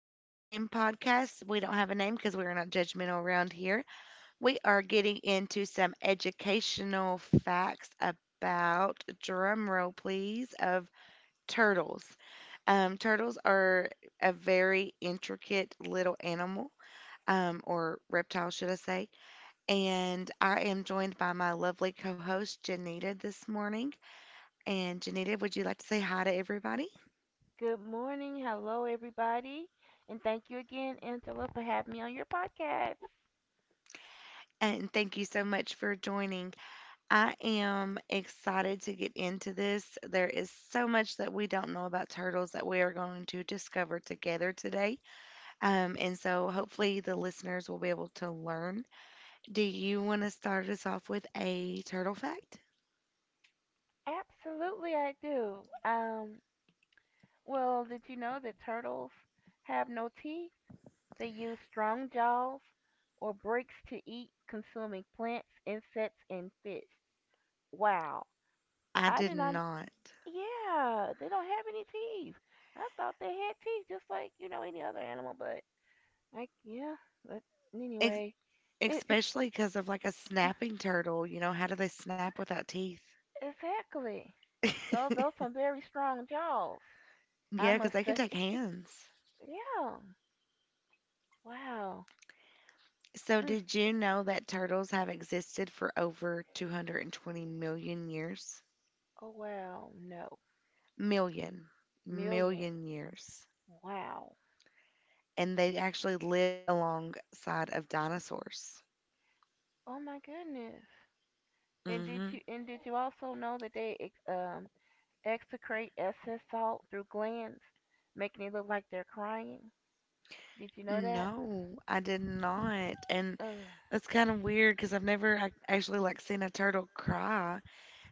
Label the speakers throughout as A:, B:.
A: the Unnamed Podcast. We don't have a name because we're not judgmental around here. We are getting into some educational facts about, drum roll please, of turtles. Turtles are a very intricate little animal, or reptile, should I say. And I am joined by my lovely co host, Janita, this morning. And Janita, would you like to say hi to everybody?
B: Good morning. Hello, everybody. And thank you again, Angela, for having me on your podcast.
A: And thank you so much for joining. I am excited to get into this. There is so much that we don't know about turtles that we are going to discover together today. And so hopefully the listeners will be able to learn. Do you want to start us off with a turtle fact?
B: Absolutely, I do. Um, well, did you know that turtles have no teeth? They use strong jaws or breaks to eat, consuming plants, insects, and fish. Wow.
A: I
B: I
A: did
B: did not,
A: not.
B: yeah, they don't have any teeth. I thought they had teeth just like, any other animal, but, like, yeah, but
A: Ex-
B: anyway, it,
A: Especially because of like a snapping turtle. You know, how do they snap without teeth?
B: exactly. Those some very strong jaws. I
A: Yeah, because
B: must
A: they can
B: say,
A: take hands.
B: yeah. Wow.
A: So,
B: Mm.
A: did you know that turtles have existed for over 220 million years?
B: Oh wow. No.
A: million,
B: Million.
A: Million years.
B: Wow.
A: And they actually lived alongside of dinosaurs.
B: Oh my goodness. And did
A: Hmm
B: you and did you also know that they um excrete excess salt through glands, making it look like they're crying? Did you know that?
A: No, I did not. And
B: Ugh.
A: that's kind of weird because I've never actually like seen a turtle cry.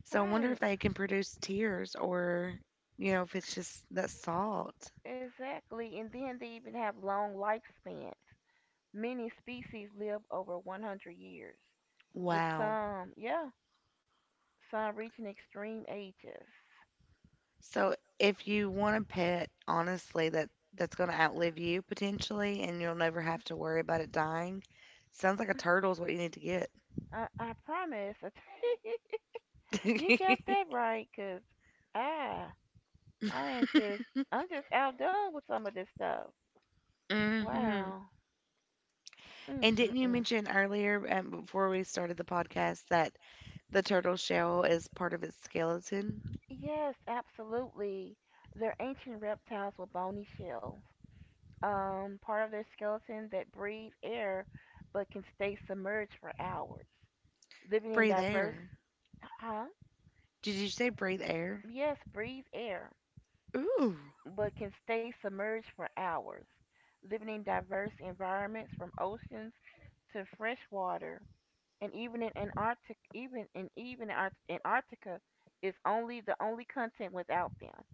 A: So I wonder if
B: Right.
A: they can produce tears or, you know, if it's just that salt.
B: Exactly. And then they even have long lifespans. Many species live over 100 years. With
A: Wow.
B: some, yeah, some reaching extreme ages.
A: So if you want a pet, honestly, that's going to outlive you potentially and you'll never have to worry about it dying, sounds like a turtle is what you need to get.
B: I promise. You got that right, cause I, I am just, I'm just outdone with some of this stuff.
A: hmm And
B: Wow.
A: didn't you
B: Mm-mm-mm.
A: mention earlier, before we started the podcast, that the turtle shell is part of its skeleton?
B: Yes, absolutely. They're ancient reptiles with bony shells, part of their skeleton that breathe air but can stay submerged for hours, living in
A: Breathe
B: diverse,
A: air.
B: huh?
A: Did you say breathe air?
B: Yes, breathe air.
A: Ooh.
B: But can stay submerged for hours, living in diverse environments from oceans to fresh water. And even in Antarctic, even in even Antarctica, is only the only content without them.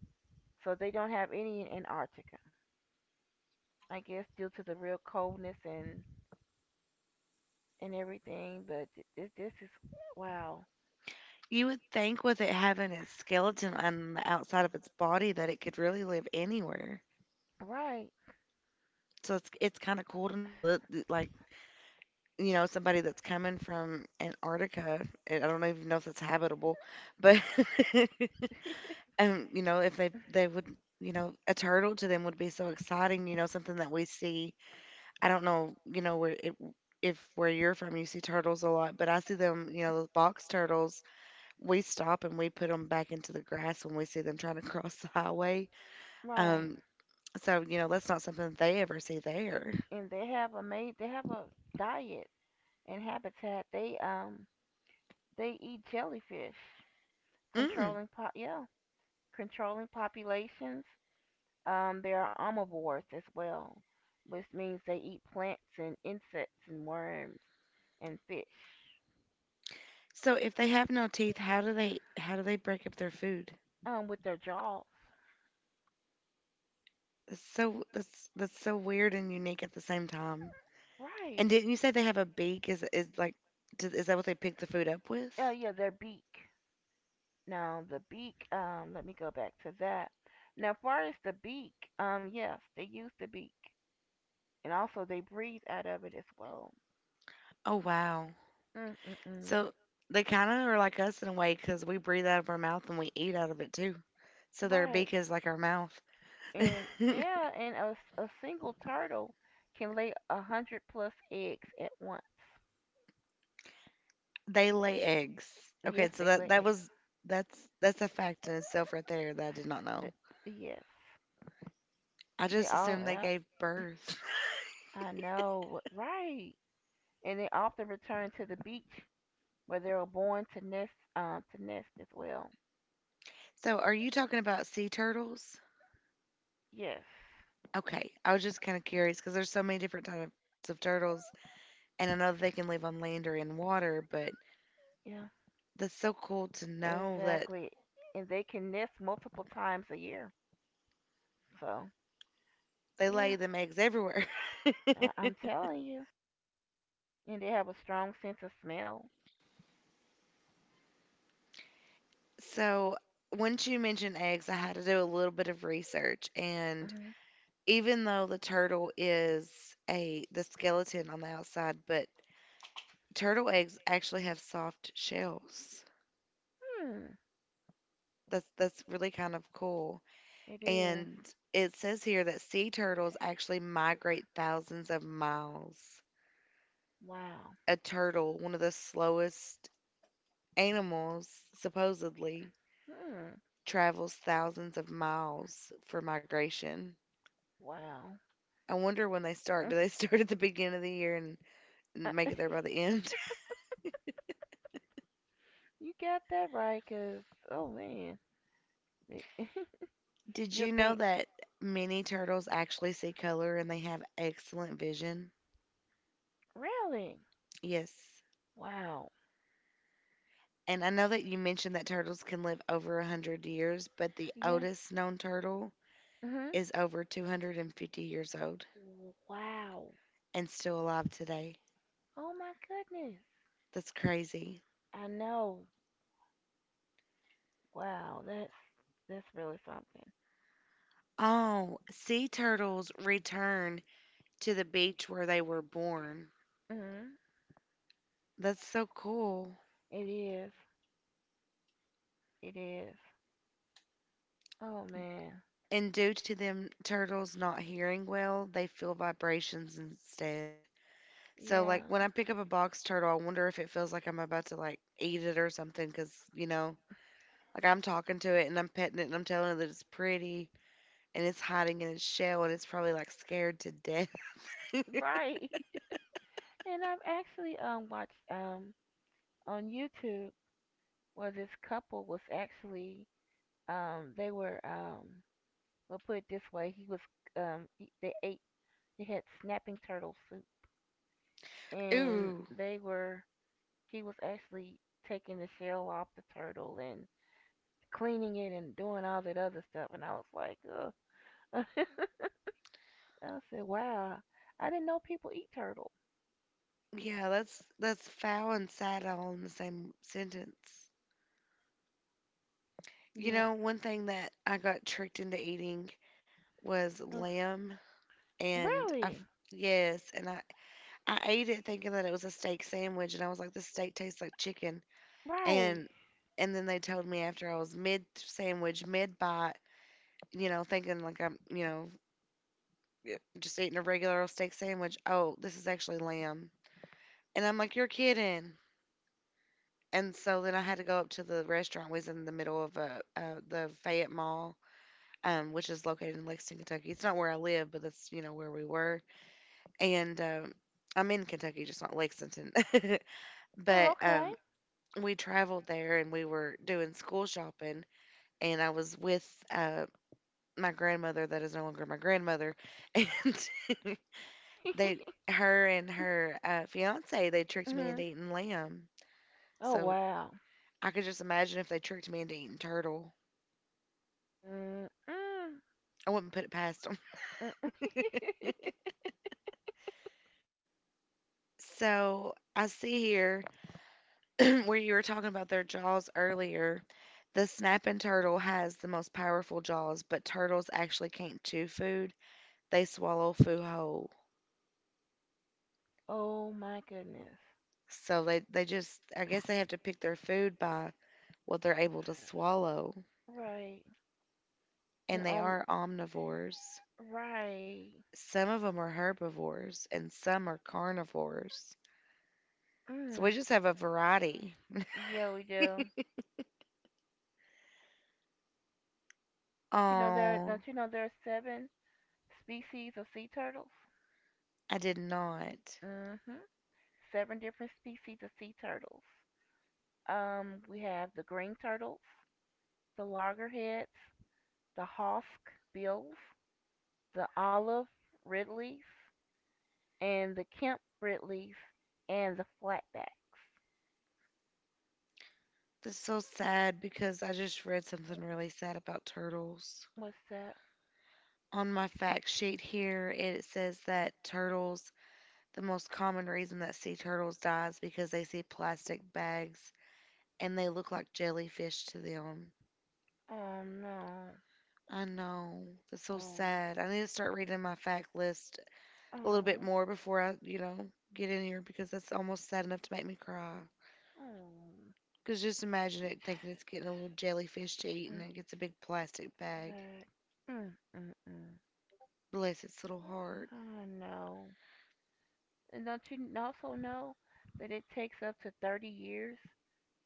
B: So they don't have any in Antarctica. I guess due to the real coldness and everything. But this is wow.
A: You would think with it having its skeleton on the outside of its body that it could really live anywhere.
B: Right,
A: So it's kind of cool to know that, like, you know, somebody that's coming from Antarctica, and I don't even know if that's habitable, but and you know, if they would, you know, a turtle to them would be so exciting, you know, something that we see. I don't know, you know, where it, if where you're from, you see turtles a lot, but I see them, you know, those box turtles. We stop and we put them back into the grass when we see them trying to cross the highway.
B: right.
A: um so, you know, that's not something that they ever see there.
B: And they have a diet and habitat. They eat jellyfish,
A: Mm.
B: yeah, controlling populations. They are omnivores as well, which means they eat plants and insects and worms and fish,
A: So if they have no teeth, how do they break up their food?
B: with their jaws.
A: That's so, that's so weird and unique at the same time. And
B: Right.
A: didn't you say they have a beak? Is, like, does, is that what they pick the food up with?
B: Yeah, yeah, their beak. Now the beak. Let me go back to that. Now, as far as the beak, yes, they use the beak, and also they breathe out of it as well.
A: Oh wow!
B: Mm-mm-mm.
A: So they kind of are like us in a way, because we breathe out of our mouth and we eat out of it too. So their
B: Right.
A: beak is like our mouth.
B: And yeah, and a single turtle can lay 100+ eggs at once.
A: They lay eggs. Okay,
B: Yes,
A: so
B: they
A: that
B: lay.
A: that was, that's a fact in itself right there that I did not
B: Uh,
A: know.
B: Yes,
A: I
B: they
A: just
B: all.
A: assumed they gave birth.
B: I know, right? And they often return to the beach where they were born to nest. To nest as well.
A: So are you talking about sea turtles?
B: Yes.
A: Okay, I was just kind of curious because there's so many different types of turtles, and I know that they can live on land or in water. But
B: Yeah.
A: that's so cool to know that
B: Exactly. And they can nest multiple times a year. So
A: they
B: yeah,
A: lay them eggs everywhere.
B: I'm telling you. And they have a strong sense of smell.
A: So, once you mentioned eggs, I had to do a little bit of research. And
B: Hmm.
A: even though the turtle is a the skeleton on the outside, but turtle eggs actually have soft shells.
B: Hmm.
A: That's really kind of cool.
B: It is.
A: And it says here that sea turtles actually migrate thousands of miles.
B: Wow.
A: A turtle, one of the slowest animals, supposedly,
B: Hmm.
A: travels thousands of miles for migration.
B: Wow.
A: I wonder when they start. Do they start at the beginning of the year and make it there by the end?
B: You got that right, cause oh man,
A: Did
B: you'll
A: you know
B: think
A: that many turtles actually see color and they have excellent vision?
B: really.
A: Yes.
B: Wow.
A: And I know that you mentioned that turtles can live over a 100 years, but the
B: Yeah.
A: oldest known turtle
B: Mhm.
A: is over 250 years old
B: Wow.
A: and still alive today.
B: Oh my goodness.
A: That's crazy.
B: I know. Wow. That's really something.
A: Oh, sea turtles return to the beach where they were born.
B: Mhm.
A: That's so cool.
B: It is. It is. Oh man.
A: And due to them turtles not hearing well, they feel vibrations instead. So
B: Yeah.
A: like when I pick up a box turtle, I wonder if it feels like I'm about to like eat it or something, cuz you know, like I'm talking to it and I'm petting it and I'm telling it that it's pretty and it's hiding in its shell and it's probably like scared to death.
B: Right. And I've actually watched on YouTube where this couple was actually, they were, we'll put it this way. He was, they ate. He had snapping turtle soup, and
A: Ooh.
B: they were. He was actually taking the shell off the turtle and cleaning it and doing all that other stuff. And I was like, ugh. I said, wow, I didn't know people eat turtle.
A: Yeah, that's foul and sad all in the same sentence. You
B: Yeah.
A: know, one thing that I got tricked into eating was
B: Okay.
A: lamb, and
B: Really?
A: yes, and I ate it thinking that it was a steak sandwich, and I was like, this steak tastes like chicken,
B: Right.
A: and then they told me after I was mid sandwich, mid bite, you know, thinking like I'm, you know, just eating a regular old steak sandwich. Oh, this is actually lamb, and I'm like, you're kidding. And so then I had to go up to the restaurant. We was in the middle of the Fayette Mall, which is located in Lexington, Kentucky. It's not where I live, but that's, you know, where we were. And I'm in Kentucky, just not Lexington.
B: Oh,
A: But
B: okay.
A: um, we traveled there and we were doing school shopping, and I was with uh, my grandmother that is no longer my grandmother, and they, her and her fiance, they tricked me
B: Hmm.
A: into eating lamb.
B: Oh,
A: So
B: wow.
A: I could just imagine if they tricked me into eating turtle.
B: Mm-mm.
A: I wouldn't put it past them.
B: Mm-mm.
A: So I see here where you were talking about their jaws earlier. The snapping turtle has the most powerful jaws, but turtles actually can't chew food. They swallow food whole.
B: Oh, my goodness.
A: So they just, I guess they have to pick their food by what they're able to swallow.
B: Right. And
A: And they
B: on.
A: are omnivores.
B: Right.
A: Some of them are herbivores and some are carnivores. So we
B: Mm.
A: just have a variety.
B: Yeah, we do. Don't you know there?
A: Oh,
B: Don't you know there are seven species of sea turtles?
A: I did not.
B: Mm-hmm. Seven different species of sea turtles. We have the green turtles, the loggerheads, the hawk bills, the olive ridleys, and the Kemp ridleys, and the flatbacks.
A: That's so sad because I just read something really sad about turtles.
B: What's that?
A: On my fact sheet here, it says that turtles, the most common reason that sea turtles die is because they see plastic bags and they look like jellyfish to them.
B: Oh no.
A: I know. That's so
B: Oh.
A: sad. I need to start reading my fact list a little bit
B: Oh.
A: more before I, you know, get in here because that's almost sad enough to make me cry.
B: Oh.
A: Because just imagine it thinking it's getting a little jellyfish to eat and it gets a big plastic bag.
B: That. Mm. Mm. Mm.
A: Bless its little heart.
B: I know. And don't you also know that it takes up to 30 years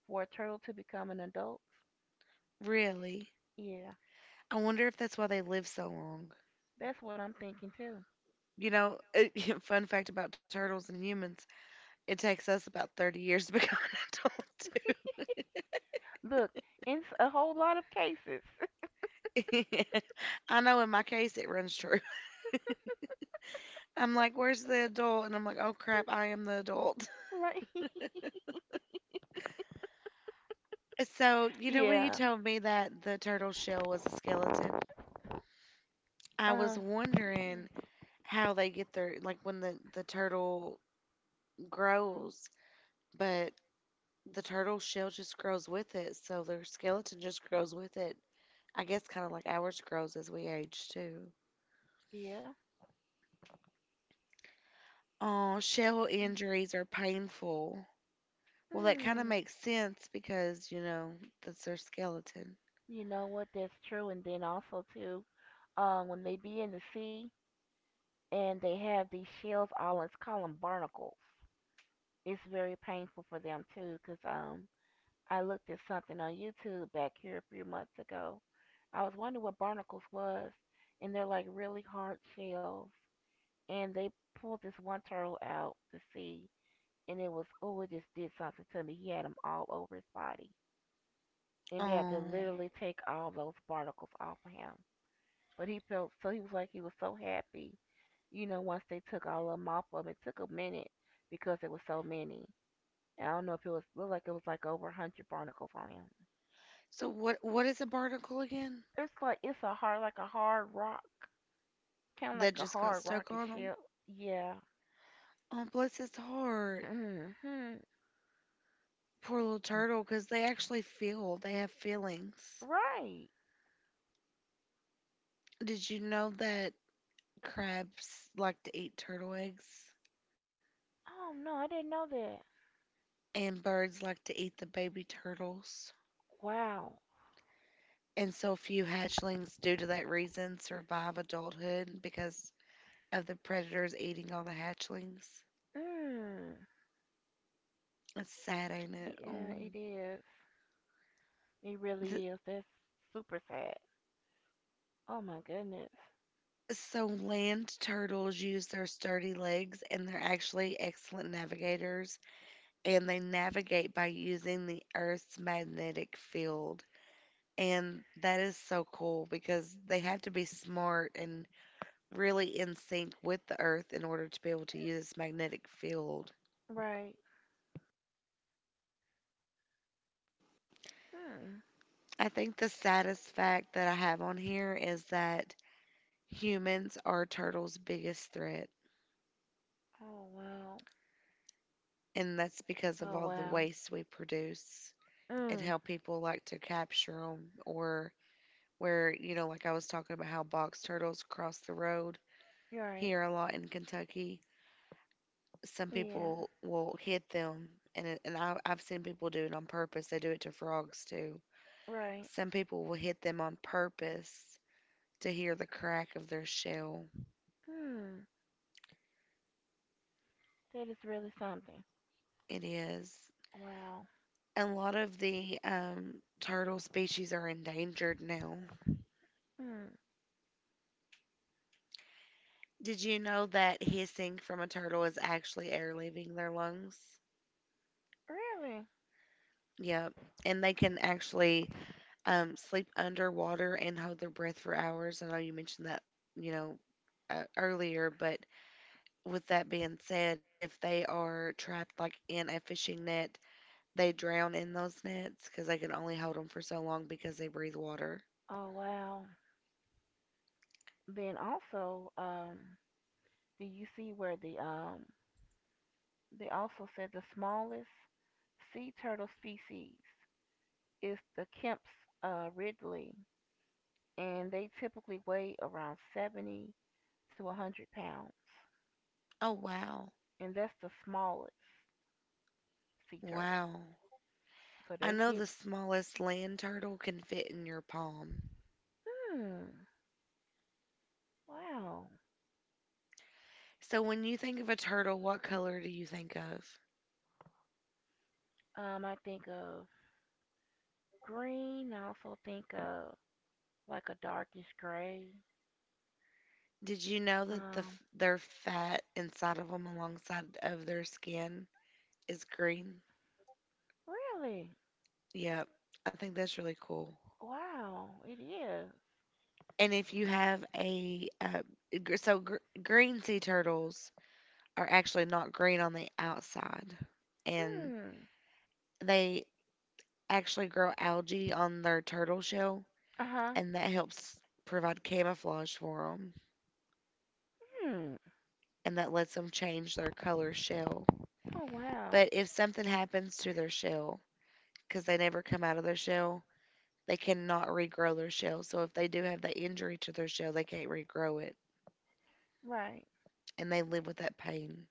B: for a turtle to become an adult?
A: Really?
B: Yeah,
A: I wonder if that's why they live so long.
B: that's what I'm thinking too.
A: You know, fun fact about turtles and humans, it takes us about 30 years to become an adult, too.
B: Look, in a whole lot of cases,
A: I know in my case it runs short. I'm like, where's the adult? And I'm like, oh crap, I am the adult.
B: right?
A: So, you know, when you
B: yeah.
A: told me that the turtle shell was a skeleton, I was
B: Um.
A: wondering how they get their, like, when the turtle grows, but the turtle shell just grows with it. So their skeleton just grows with it. I guess kind of like ours grows as we age too.
B: Yeah.
A: Oh, shell injuries are painful. Well, that kind of
B: Hmm.
A: makes sense because, you know, that's their skeleton.
B: You know what? That's true. And then also too, when they be in the sea and they have these shells all, us call them barnacles. It's very painful for them too because I looked at something on YouTube back here a few months ago. I was wondering what barnacles was, and they're like really hard shells, and they pulled this one turtle out to see, and it was, oh, it just did something to me. He had them all over his body, and they had to
A: Oh.
B: literally take all those barnacles off of him. But he felt, so he was like, he was so happy, once they took all of them off of him. It took a minute because there was so many. And I don't know, if it was, looked like it was like over 100 barnacles on him.
A: So what is a barnacle again?
B: It's like it's a hard, like a hard rock, kind of
A: That
B: like a
A: just got
B: hard
A: stuck
B: rocky
A: on him.
B: ship. Yeah.
A: Oh, bless his heart.
B: Hmm.
A: Poor little turtle, 'cause they actually feel. They have feelings.
B: Right.
A: Did you know that crabs like to eat turtle eggs
B: Oh no, I didn't know that.
A: and birds like to eat the baby turtles?
B: Wow.
A: And so few hatchlings, due to that reason, survive adulthood because of the predators eating all the hatchlings.
B: Mm.
A: That's sad, ain't it?
B: Yeah,
A: Oh.
B: it is. It
A: Th-
B: really is. That's super sad. Oh my goodness.
A: So land turtles use their sturdy legs and they're actually excellent navigators and they navigate by using the Earth's magnetic field. And that is so cool because they have to be smart and really in sync with the Earth in order to be able to use this magnetic field.
B: Right. Mm.
A: I think the saddest fact that I have on here is that humans are turtles' biggest threat,
B: Oh wow.
A: and that's because of
B: Oh
A: all the
B: wow.
A: waste we produce. And
B: Mm.
A: how people like to capture them. Or, where you know like I was talking about, how box turtles cross the road
B: You're right.
A: here a lot in Kentucky, some
B: Yeah.
A: people will hit them. And, it- and I, I've seen people do it on purpose. They do it to frogs too.
B: Right.
A: Some people will hit them on purpose to hear the crack of their shell.
B: Hmm. That is really something.
A: It is.
B: Wow.
A: A lot of the turtle species are endangered now.
B: Hmm,
A: Did you know that hissing from a turtle is actually air leaving their lungs?
B: really?
A: Yeah, and they can actually sleep underwater and hold their breath for hours. I know you mentioned that, you know, earlier, but with that being said, if they are trapped like in a fishing net, they drown in those nets because they can only hold them for so long, because they breathe water.
B: Oh wow. Then also, do you see where they also said the smallest sea turtle species is the Kemp's ridley, and they typically weigh around 70 to 100 pounds,
A: Oh, wow.
B: and that's the smallest sea turtle.
A: Wow.
B: So
A: I
B: they
A: know
B: get.
A: the smallest land turtle can fit in your palm.
B: Hmm. Wow.
A: So when you think of a turtle, what color do you think of?
B: I think of green. I also think of like a darkish gray.
A: Did you know that
B: Um,
A: their fat inside of them, alongside of their skin, is green?
B: Really?
A: Yep. I think that's really cool.
B: Wow, it is.
A: And if you have a gr- so gr- green sea turtles are actually not green on the outside, and
B: Mm.
A: they actually grow algae on their turtle shell,
B: Uh-huh.
A: and that helps provide camouflage for them,
B: Hmm.
A: and that lets them change their color shell.
B: Oh wow.
A: But if something happens to their shell, because they never come out of their shell, they cannot regrow their shell. So if they do have that injury to their shell, they can't regrow it,
B: Right.
A: and they live with that pain.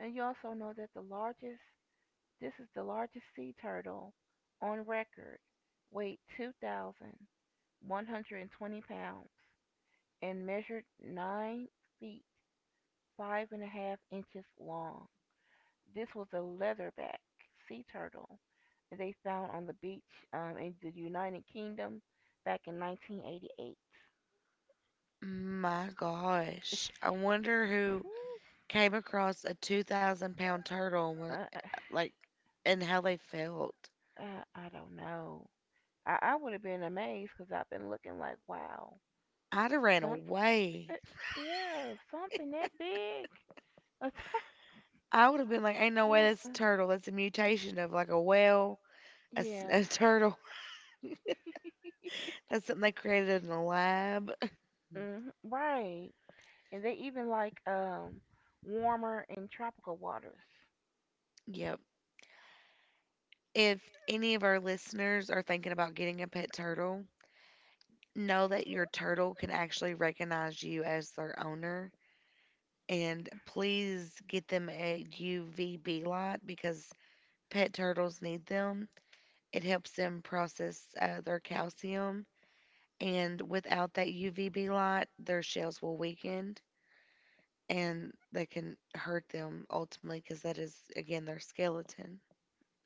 B: And you also know that the largest this is the largest sea turtle on record, weighed 2,120 pounds and measured 9 feet 5.5 inches long. This was a leatherback sea turtle that they found on the beach, in the United Kingdom back in 1988.
A: My gosh, I wonder
B: Hmm.
A: who came across a 2,000-pound turtle and,
B: I,
A: like, and how they felt.
B: I don't know. I would have been amazed because I've been looking like, wow,
A: I'd have ran
B: some, uh,
A: away.
B: yeah, something that big. A tur-
A: I would have been like, ain't no way
B: uh,
A: that's a
B: uh,
A: turtle. That's a mutation of like a whale, a
B: yeah,
A: a turtle. That's something they created in a lab.
B: right. And they even like warmer and tropical waters.
A: Yep. If any of our listeners are thinking about getting a pet turtle, know that your turtle can actually recognize you as their owner. And please get them a UVB light, because pet turtles need them. It helps them process their calcium. And without that UVB light, their shells will weaken, and they can hurt them ultimately, because that is, again, their skeleton.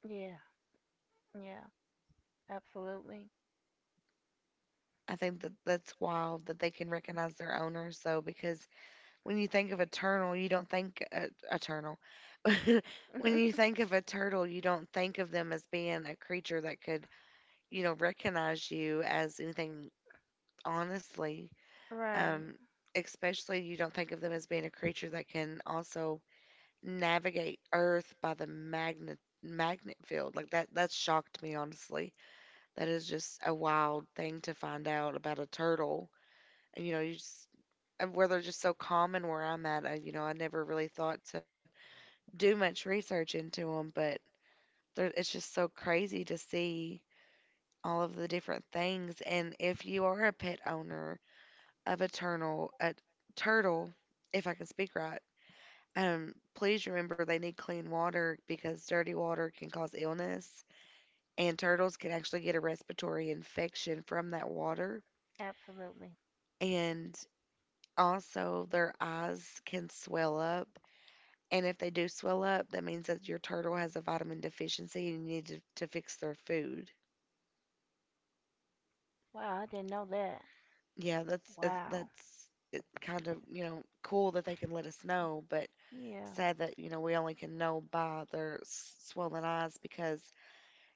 B: Yeah, yeah, absolutely.
A: I think that that's wild that they can recognize their owners, though, because when you think of a turtle, you don't think a turtle. When you think of a turtle, you don't think of them as being a creature that could, you know, recognize you as anything, honestly.
B: Right,
A: Um, especially you don't think of them as being a creature that can also navigate Earth by the magnet field. That shocked me, honestly. That is just a wild thing to find out about a turtle. And you know, you just, and where they're just so common where I'm at, I, you know, I never really thought to do much research into them, but there, it's just so crazy to see all of the different things. And if you are a pet owner of a turtle, if I can speak right, please remember they need clean water, because dirty water can cause illness, and turtles can actually get a respiratory infection from that water.
B: absolutely.
A: And also, their eyes can swell up. And if they do swell up, that means that your turtle has a vitamin deficiency and you need to, fix their food.
B: Wow, I didn't know that.
A: Yeah, that's
B: Wow.
A: it kind of, you know, cool that they can let us know, but
B: Yeah,
A: sad that, you know, we only can know by their swollen eyes, because,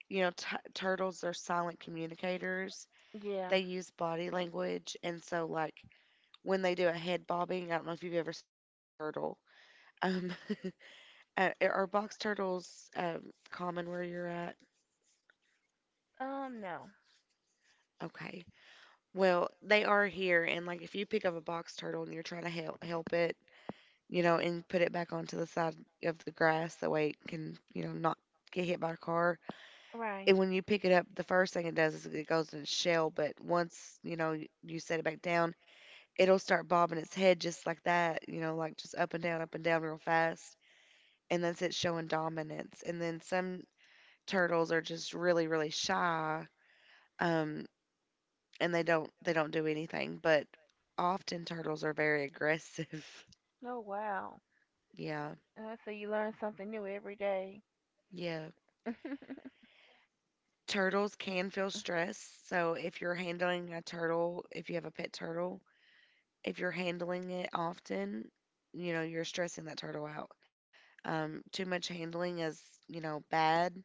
A: you know, turtles are silent communicators.
B: yeah.
A: They use body language. And so, like, when they do a head bobbing, I don't know if you've ever seen a mad turtle. Um, are box turtles common where you're at?
B: No.
A: Okay. Well, they are here, and like, if you pick up a box turtle and you're trying to help it, you know, and put it back onto the side of the grass, that way it can, you know, not get hit by a car.
B: Right.
A: And when you pick it up, the first thing it does is it goes in its shell. But once you know you set it back down, it'll start bobbing its head just like that, you know, like just up and down real fast, and that's it showing dominance. And then some turtles are just really, really shy. Um, and they don't do anything. But often turtles are very aggressive.
B: Oh wow.
A: yeah,
B: So you learn something new every day.
A: yeah. Turtles can feel stress, so if you're handling a turtle, if you have a pet turtle, if you're handling it often, you know you're stressing that turtle out. Too much handling is, you know, bad.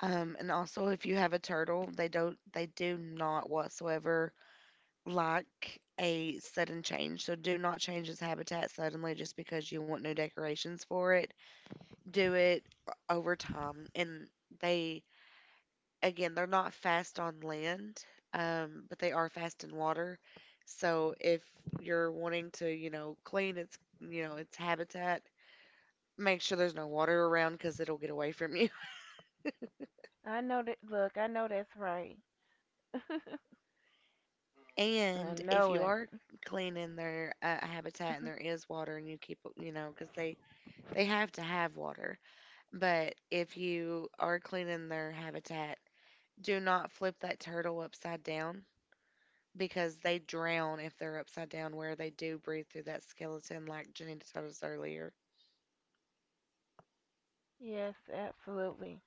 A: And also if you have a turtle, they do not whatsoever like a sudden change. So do not change its habitat suddenly just because you want new decorations for it. Do it over time. And they, again, they're not fast on land, but they are fast in water. So if you're wanting to, you know, clean its, you know, its habitat, make sure there's no water around because it'll get away from you.
B: I know that. Look, I know that's right. I
A: And if
B: know
A: you
B: it.
A: are cleaning their habitat and there is water, and you keep, you know, because they have to have water. But if you are cleaning their habitat, do not flip that turtle upside down, because they drown if they're upside down, where they do breathe through that skeleton, like Janita told us earlier.
B: Yes, absolutely.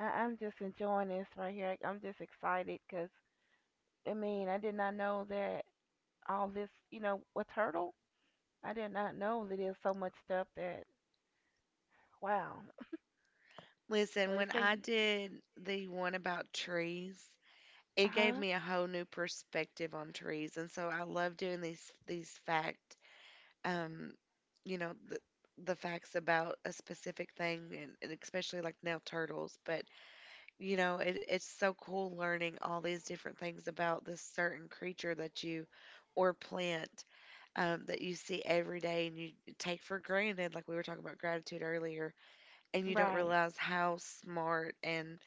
B: I'm just enjoying this right here. I'm just excited because, I mean, I did not know that all this, a turtle? I did not know that there's so much stuff that, wow. So
A: Listen,
B: they
A: when I
B: say.
A: did the one about trees, it
B: Uh
A: gave
B: huh.
A: me a whole new perspective on trees, and so I love doing these um, you know, the facts about a specific thing, and especially like now turtles. But you know, it's so cool learning all these different things about this certain creature that you, or plant, that you see every day, and you take for granted, like we were talking about gratitude earlier, and you don't
B: Right,
A: realize how smart and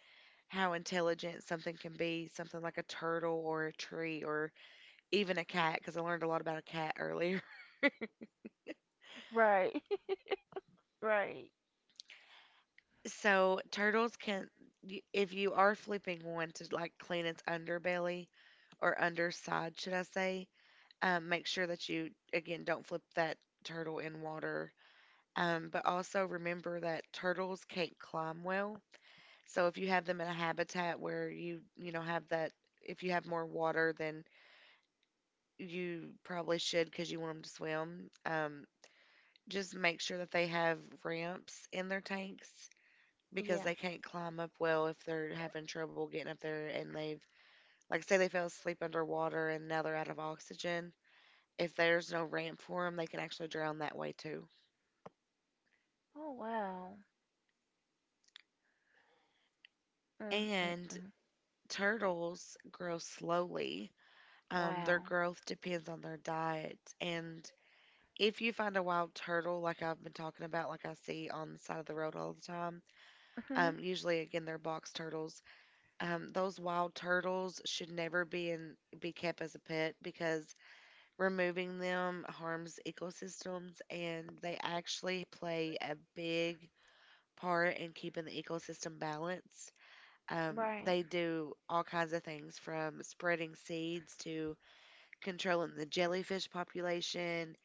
A: how intelligent something can be, something like a turtle or a tree, or even a cat, because I learned a lot about a cat earlier.
B: right, right.
A: So, turtles can, if you are flipping one to like clean its underbelly, or underside, should I say, make sure that you, again, don't flip that turtle in water. But also remember that turtles can't climb well. So if you have them in a habitat where you know, have that, if you have more water than you probably should, because you want them to swim, just make sure that they have ramps in their tanks, because
B: Yeah.
A: they can't climb up well if they're having trouble getting up there, and they've, like, say they fell asleep underwater and now they're out of oxygen. If there's no ramp for them, they can actually drown that way too.
B: Oh, wow.
A: And
B: Mm-mm-mm.
A: turtles grow slowly. Their
B: Wow.
A: growth depends on their diet. And if you find a wild turtle, like I've been talking about, like I see on the side of the road all the time,
B: Hmm.
A: usually again they're box turtles. Those wild turtles should never be, in be kept as a pet, because removing them harms ecosystems, and they actually play a big part in keeping the ecosystem balanced.
B: Right.
A: They do all kinds of things, from spreading seeds to controlling the jellyfish population,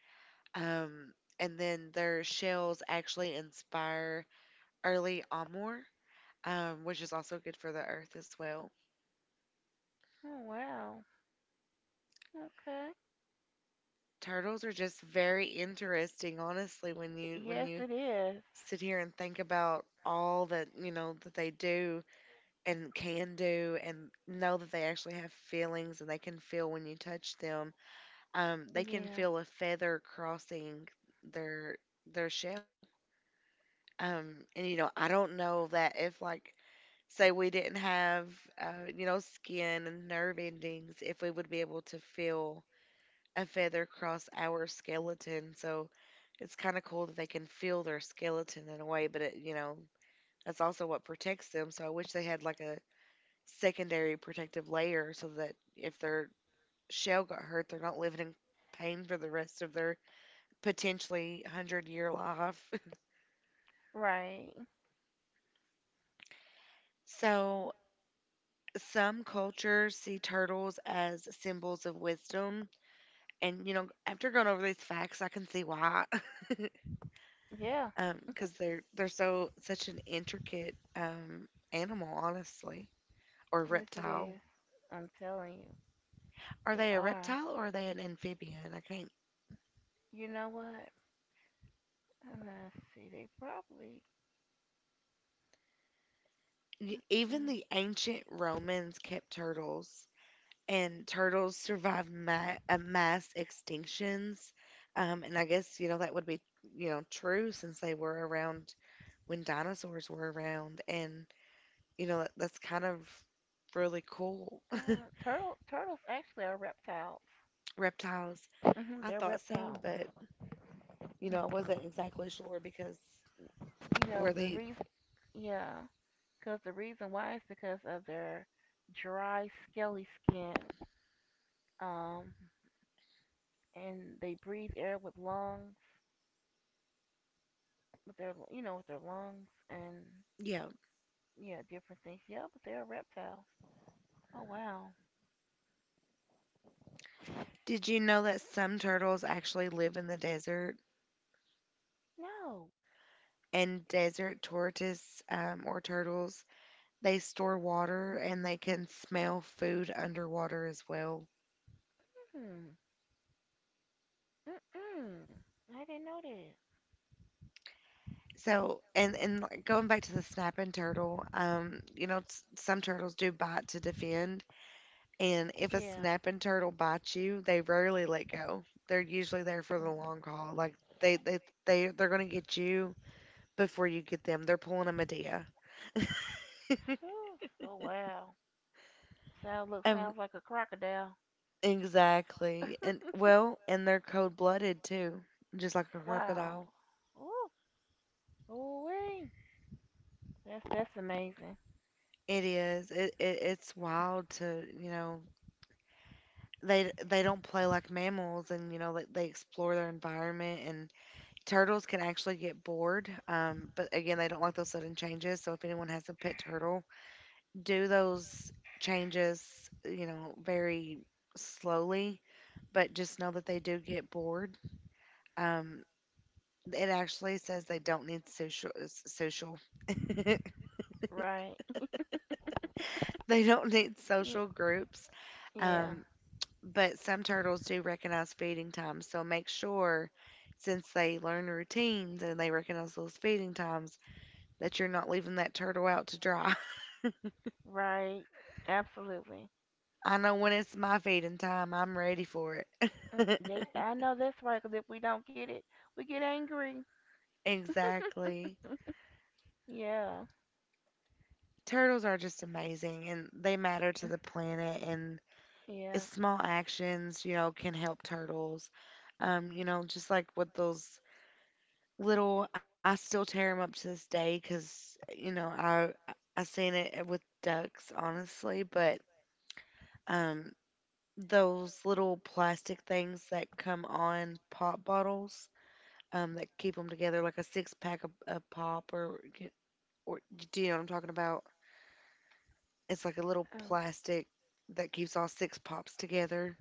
A: um, and then their shells actually inspire early amur, which is also good for the earth as well.
B: Oh wow. Okay.
A: Turtles are just very interesting, honestly, when you
B: Yes, it is.
A: sit here and think about all that, you know, that they do and can do, and know that they actually have feelings and they can feel when you touch them. They can
B: Yeah.
A: feel a feather crossing their shell. And you know, I don't know that, if like, say we didn't have, you know, skin and nerve endings, if we would be able to feel a feather cross our skeleton. So it's kind of cool that they can feel their skeleton in a way, but it, you know, that's also what protects them. So I wish they had like a secondary protective layer, so that if their shell got hurt, they're not living in pain for the rest of their potentially 100-year life.
B: Right.
A: So some cultures see turtles as symbols of wisdom, and you know, after going over these facts, I can see why.
B: Yeah.
A: Um, because they're so such an intricate animal, honestly. Or
B: Yes, it
A: reptile.
B: is. I'm telling you,
A: Are
B: they
A: they a
B: are.
A: reptile, or are they an amphibian? I can't.
B: You know what? And let's see. They probably. Let's see.
A: Even the ancient Romans kept turtles, and turtles survived mass extinctions. Um, and I guess, you know, that would be, you know, true, since they were around when dinosaurs were around, and you know, that's kind of really cool.
B: Yeah. Turtle. Turtles actually are reptiles.
A: Reptiles.
B: Hmm.
A: I
B: They're
A: thought so,
B: reptiles.
A: but you know, I wasn't exactly sure, because,
B: You know
A: were
B: the
A: they?
B: reason. Yeah. Because the reason why is because of their dry, scaly skin. Um, and they breathe air with lungs. With their lungs and
A: Yeah.
B: yeah, different things. Yeah, but they're reptiles. Oh wow.
A: Did you know that some turtles actually live in the desert?
B: No.
A: And desert tortoise, or turtles, they store water, and they can smell food underwater as well.
B: Mm. Mm. I didn't know that.
A: So, and like, going back to the snapping turtle, you know, some turtles do bite to defend. And if a
B: Yeah.
A: snapping turtle bites you, they rarely let go. They're usually there for
B: Mm.
A: the long haul. Like they they're gonna get you before you get them. They're pulling a Medea.
B: Oof. Oh wow. Sound look
A: Um,
B: sounds like a crocodile.
A: exactly. And well, and they're cold-blooded too, just like a
B: Wow.
A: crocodile.
B: Ooh. Ooh wee. That's amazing.
A: It is. It's wild to, you know, they don't play like mammals, and you know they explore their environment, and turtles can actually get bored. But again, they don't like those sudden changes. So if anyone has a pet turtle, do those changes, you know, very slowly, but just know that they do get bored. Um, it actually says they don't need social.
B: Right.
A: They don't need social groups.
B: Yeah.
A: Um, but some turtles do recognize feeding times, so make sure, since they learn routines and they recognize those feeding times, that you're not leaving that turtle out to dry.
B: Right. Absolutely.
A: I know when it's my feeding time, I'm ready for it.
B: Mm. I know that's right. Cause if we don't get it, we get angry.
A: Exactly.
B: Yeah.
A: Turtles are just amazing, and they matter to
B: Mm.
A: the planet, and it's
B: Yeah.
A: small actions, you know, can help turtles, um, you know, just like with those little, I still tear them up to this day, because you know, I seen it with ducks, honestly, but um, those little plastic things that come on pop bottles, um, that keep them together, like a six pack of pop, or, do you know what I'm talking about? It's like a little
B: Um,
A: plastic that keeps all six pops together,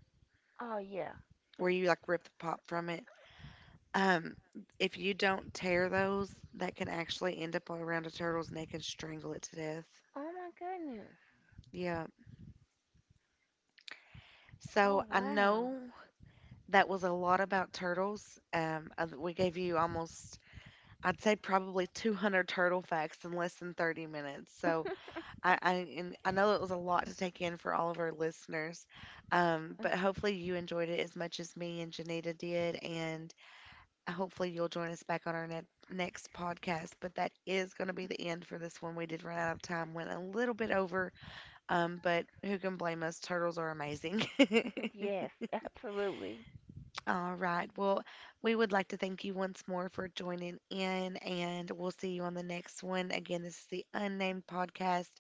B: oh yeah.
A: where you like rip the pop from it. Um, if you don't tear those, that can actually end up all around a turtle's neck and strangle it to death.
B: Oh my goodness.
A: Yeah. So
B: Oh
A: I
B: wow.
A: know that was a lot about turtles. We gave you almost, I'd say probably 200 turtle facts in less than 30 minutes. So I, and I know it was a lot to take in for all of our listeners, but hopefully you enjoyed it as much as me and Janita did, and hopefully you'll join us back on our next podcast. But that is going to be the end for this one. We did run out of time, went a little bit over, but who can blame us? Turtles are amazing.
B: Yes, absolutely.
A: All right. Well, we would like to thank you once more for joining in, and we'll see you on the next one. Again, this is the Unnamed Podcast,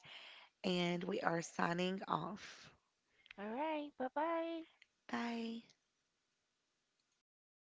A: and we are signing off.
B: All right. Bye bye.
A: 拜。